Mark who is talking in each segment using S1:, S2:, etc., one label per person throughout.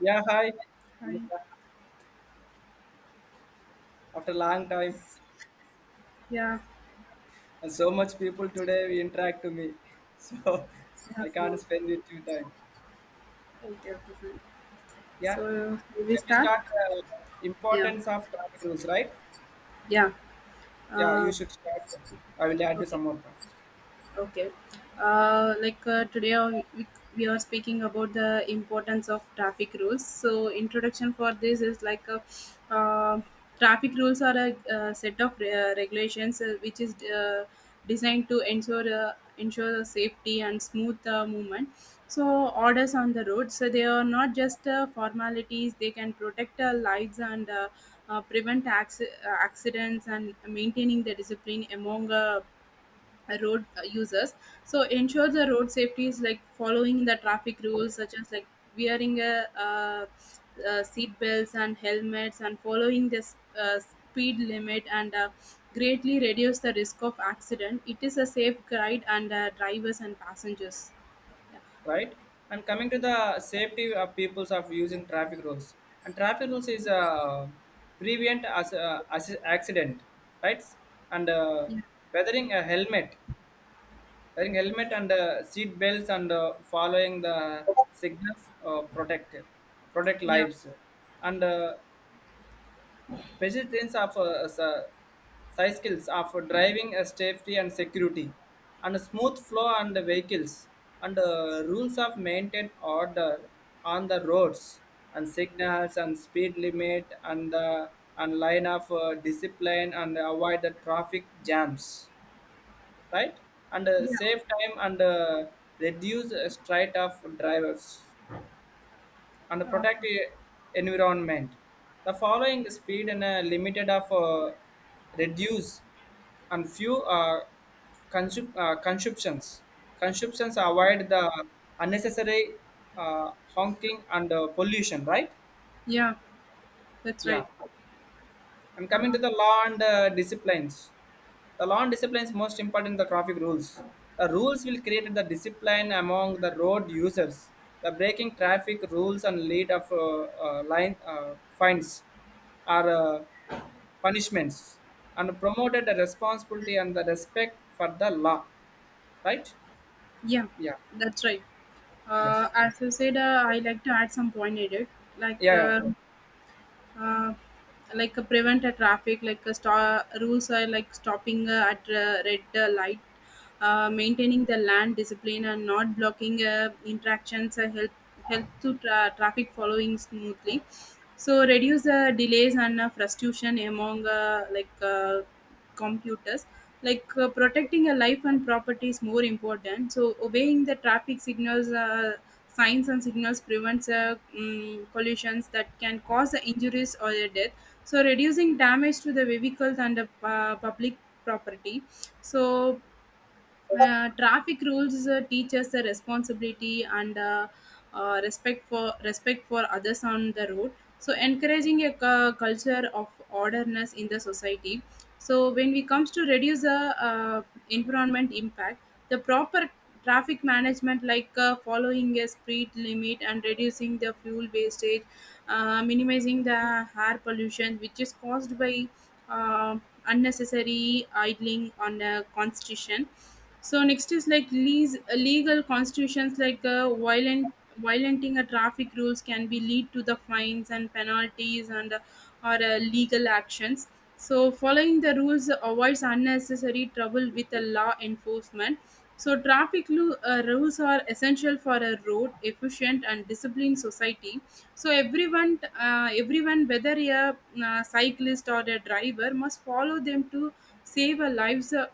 S1: Yeah, hi.
S2: Hi.
S1: Monica. After long time,
S2: Yeah.
S1: and so much people today we interact to me, so
S2: Yeah.
S1: I can't
S2: No.
S1: spend it too time.
S2: Okay. Okay. Fine.
S1: Yeah,
S2: So will we
S1: shall we
S2: start.
S1: start
S2: Yeah.
S1: importance of traffic rules, right?
S2: Yeah.
S1: Yeah, you
S2: Uh,
S1: should start. I will add to
S2: okay.
S1: some more points,
S2: Okay. Today we are speaking about the importance of traffic rules. So introduction for this is like uh, traffic rules are a set of regulations which is designed to ensure ensure the safety and smooth movement. So orders on the road. So they are not just formalities. They can protect lives and prevent accidents and maintaining the discipline among road users, so ensure the road safety is like following the traffic rules such as like wearing a seat belts and helmets and following this speed limit and greatly reduce the risk of accident. It is a safe guide and drivers and passengers. Yeah.
S1: right? And coming to the safety of peoples of using traffic rules, and traffic rules is prevent as accident, right? And
S2: Yeah.
S1: weathering a helmet Wearing helmet and seat belts and following the signals protect
S2: Yeah.
S1: lives and pedestrians of cycles of driving safety and security and smooth flow and the vehicles and rules of maintain order on the roads and signals and speed limit and line of discipline and avoid the traffic jams, right? And
S2: Yeah,
S1: save time and reduce straight of drivers and
S2: yeah. uh,
S1: protect environment. The following speed and limited of reduce and few consumptions. Consumptions avoid the unnecessary honking and pollution, right?
S2: yeah that's
S1: Yeah.
S2: right.
S1: And
S2: uh,
S1: coming to the law and disciplines, the law and disciplines most important the traffic rules. The rules will create the discipline among the road users. The breaking traffic rules and lead of line fines are punishments and promoted the responsibility and the respect for the law. Right?
S2: yeah
S1: Yeah.
S2: that's right.
S1: Yes.
S2: As you said, I like to add some point in it, like
S1: Yeah,
S2: uh,
S1: yeah.
S2: uh, prevent a traffic like rules are like stopping at red light, maintaining the land discipline and not blocking interactions help help to traffic following smoothly, so reduce the delays and frustration among computers. Like protecting a life and property is more important, so obeying the traffic signals, signs and signals prevents collisions that can cause the injuries or the death, so reducing damage to the vehicles and the public property. So traffic rules teach us the responsibility and respect for respect for others on the road, so encouraging a culture of orderness in the society. So when we comes to reduce the uh, environment impact, the proper traffic management like following a speed limit and reducing the fuel wastage, minimizing the air pollution which is caused by uh, unnecessary idling on the constitution. So next is like legal constitutions like violent violating a traffic rules can be lead to the fines and penalties and or legal actions. So following the rules avoids unnecessary trouble with the law enforcement. So traffic rules are essential for a road efficient and disciplined society. So everyone, whether a cyclist or a driver, must follow them to save a lives,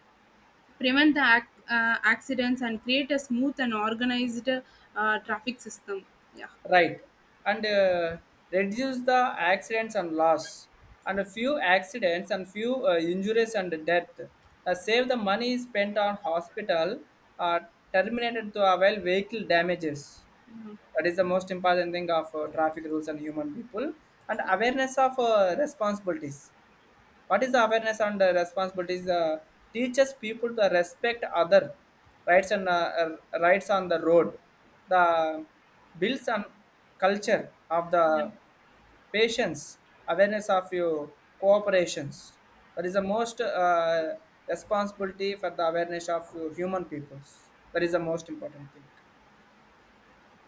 S2: prevent the accidents, and create a smooth and organized traffic system. Yeah.
S1: Right, and reduce the accidents and loss and a few accidents and few injuries and death, save the money spent on hospital, uh, terminated to avoid vehicle damages. That is the most important thing of traffic rules and human people. And awareness of responsibilities. What is the awareness and the responsibilities? Uh, teaches people to respect other rights and rights on the road, the builds and culture of the patience, awareness of your cooperations. That is the most responsibility for the awareness of your human peoples. That is the most important thing.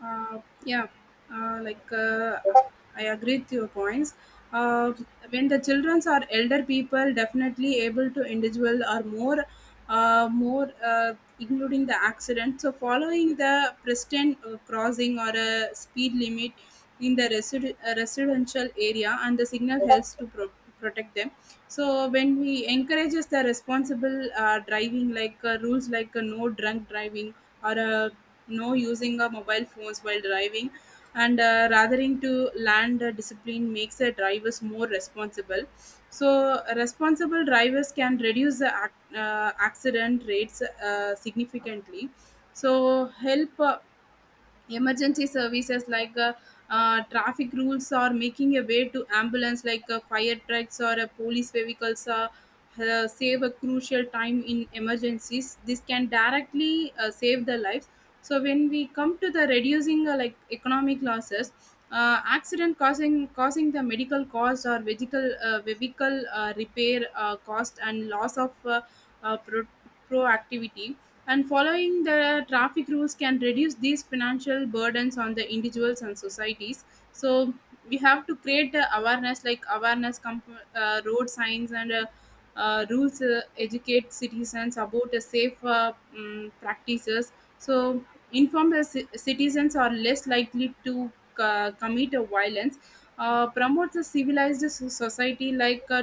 S2: Uh, yeah, uh, like uh, I agree with your points. Uh, when the children or elder people, definitely able to individual or more, uh, more uh, including the accident. So following the present crossing or a speed limit in the residential area, and the signal helps to protect them. So when we encourages the responsible driving, like rules like no drunk driving or using mobile phones while driving and rathering to land discipline makes the drivers more responsible, so responsible drivers can reduce the accident rates significantly. So help emergency services like traffic rules are making a way to ambulance like fire trucks or police vehicles, save a crucial time in emergencies, this can directly save the lives. So when we come to the reducing like economic losses, accident causing the medical cost or vehicle repair cost and loss of uh, pro- proactivity, and following the traffic rules can reduce these financial burdens on the individuals and societies. So we have to create the awareness like awareness road signs and rules educate citizens about the safe practices. So informed citizens are less likely to commit a violence, promote a civilized society. Like uh,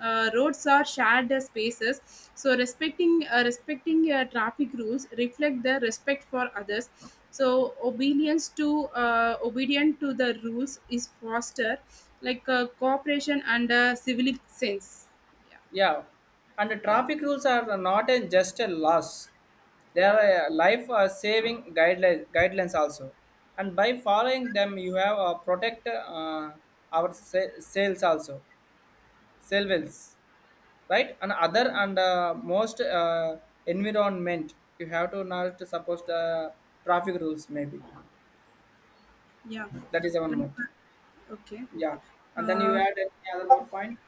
S2: uh, roads are shared spaces, so respecting traffic rules reflect the respect for others. So obedience to obedient to the rules is foster like cooperation and civic sense. Yeah.
S1: Yeah, and the traffic rules are not just a loss; they
S2: Yeah.
S1: are a life-saving guidelines. Guidelines also, and by following them, you have protect our sales also, sales, right? And other and most environment, you have to not suppose the traffic rules. Maybe
S2: Yeah.
S1: that is one
S2: Like,
S1: more thing.
S2: okay.
S1: Yeah, and then you
S2: uh,
S1: add any other more point.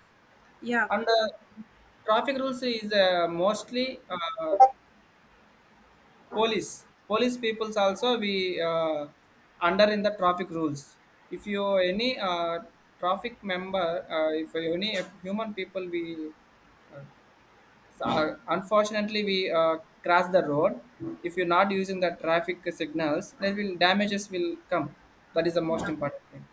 S2: yeah
S1: And.
S2: uh,
S1: Traffic rules is mostly police peoples also we under in the traffic rules. If you any traffic member if any human people we, uh, unfortunately we cross the road, if you're not using the traffic signals then will damages will come. That is the most important thing.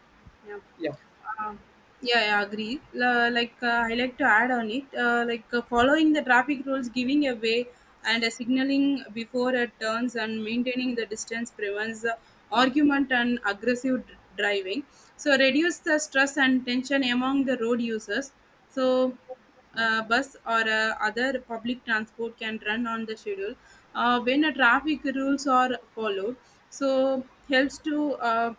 S2: Yeah.
S1: Yeah.
S2: Uh, yeah, I agree. La like I like to add on it, following the traffic rules, giving a way, and signaling before it turns, and maintaining the distance prevents argument and aggressive driving, so reduce the stress and tension among the road users. So bus or other public transport can run on the schedule when the traffic rules are followed. So helps to.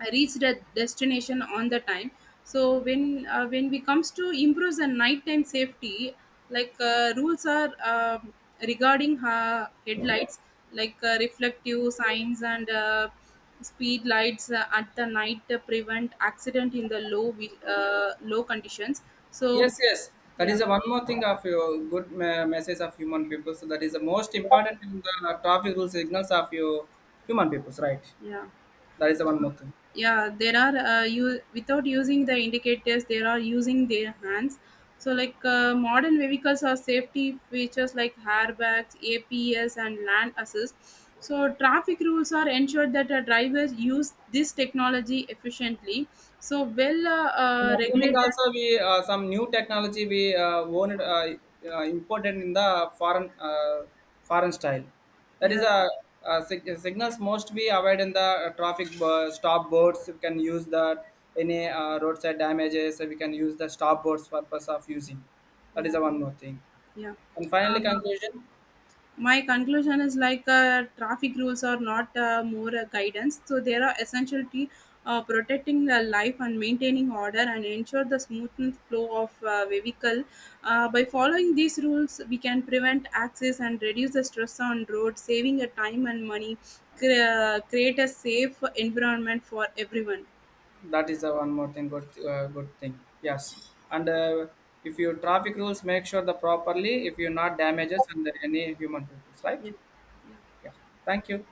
S2: I reached a destination on the time. So when we comes to improves the nighttime safety, like rules are regarding headlights, like reflective signs and speed lights at the night prevent accident in the low low conditions. So
S1: Yes, yes, that is
S2: yeah,
S1: the one more thing of your good message of human people, so that is the most important in the traffic rules signals of your human peoples, right?
S2: yeah.
S1: That is the one more thing.
S2: Yeah there are, you without using the indicators they are using their hands. So like modern vehicles have safety features like airbags, aps and land assist, so traffic rules are ensured that drivers use this technology efficiently, so well
S1: In upcoming
S2: regulated.
S1: also, we some new technology we owned imported in the foreign foreign style. That is
S2: Yeah.
S1: a signals most we avoid in the stop boards. We can use that any roadside damages. So we can use the stop boards purpose of using. That is
S2: Yeah.
S1: the one more thing.
S2: Yeah.
S1: And
S2: uh,
S1: finally, conclusion.
S2: my conclusion is like traffic rules are not more guidance, so they are essential to protecting the life and maintaining order and ensure the smooth flow of vehicle. By following these rules we can prevent accidents and reduce the stress on road saving the time and money, create a safe environment for everyone.
S1: That is the one more thing, good good thing. Yes, and if you traffic rules make sure the properly if you not damages and any human peoples, right?
S2: Yeah.
S1: Yeah, thank you.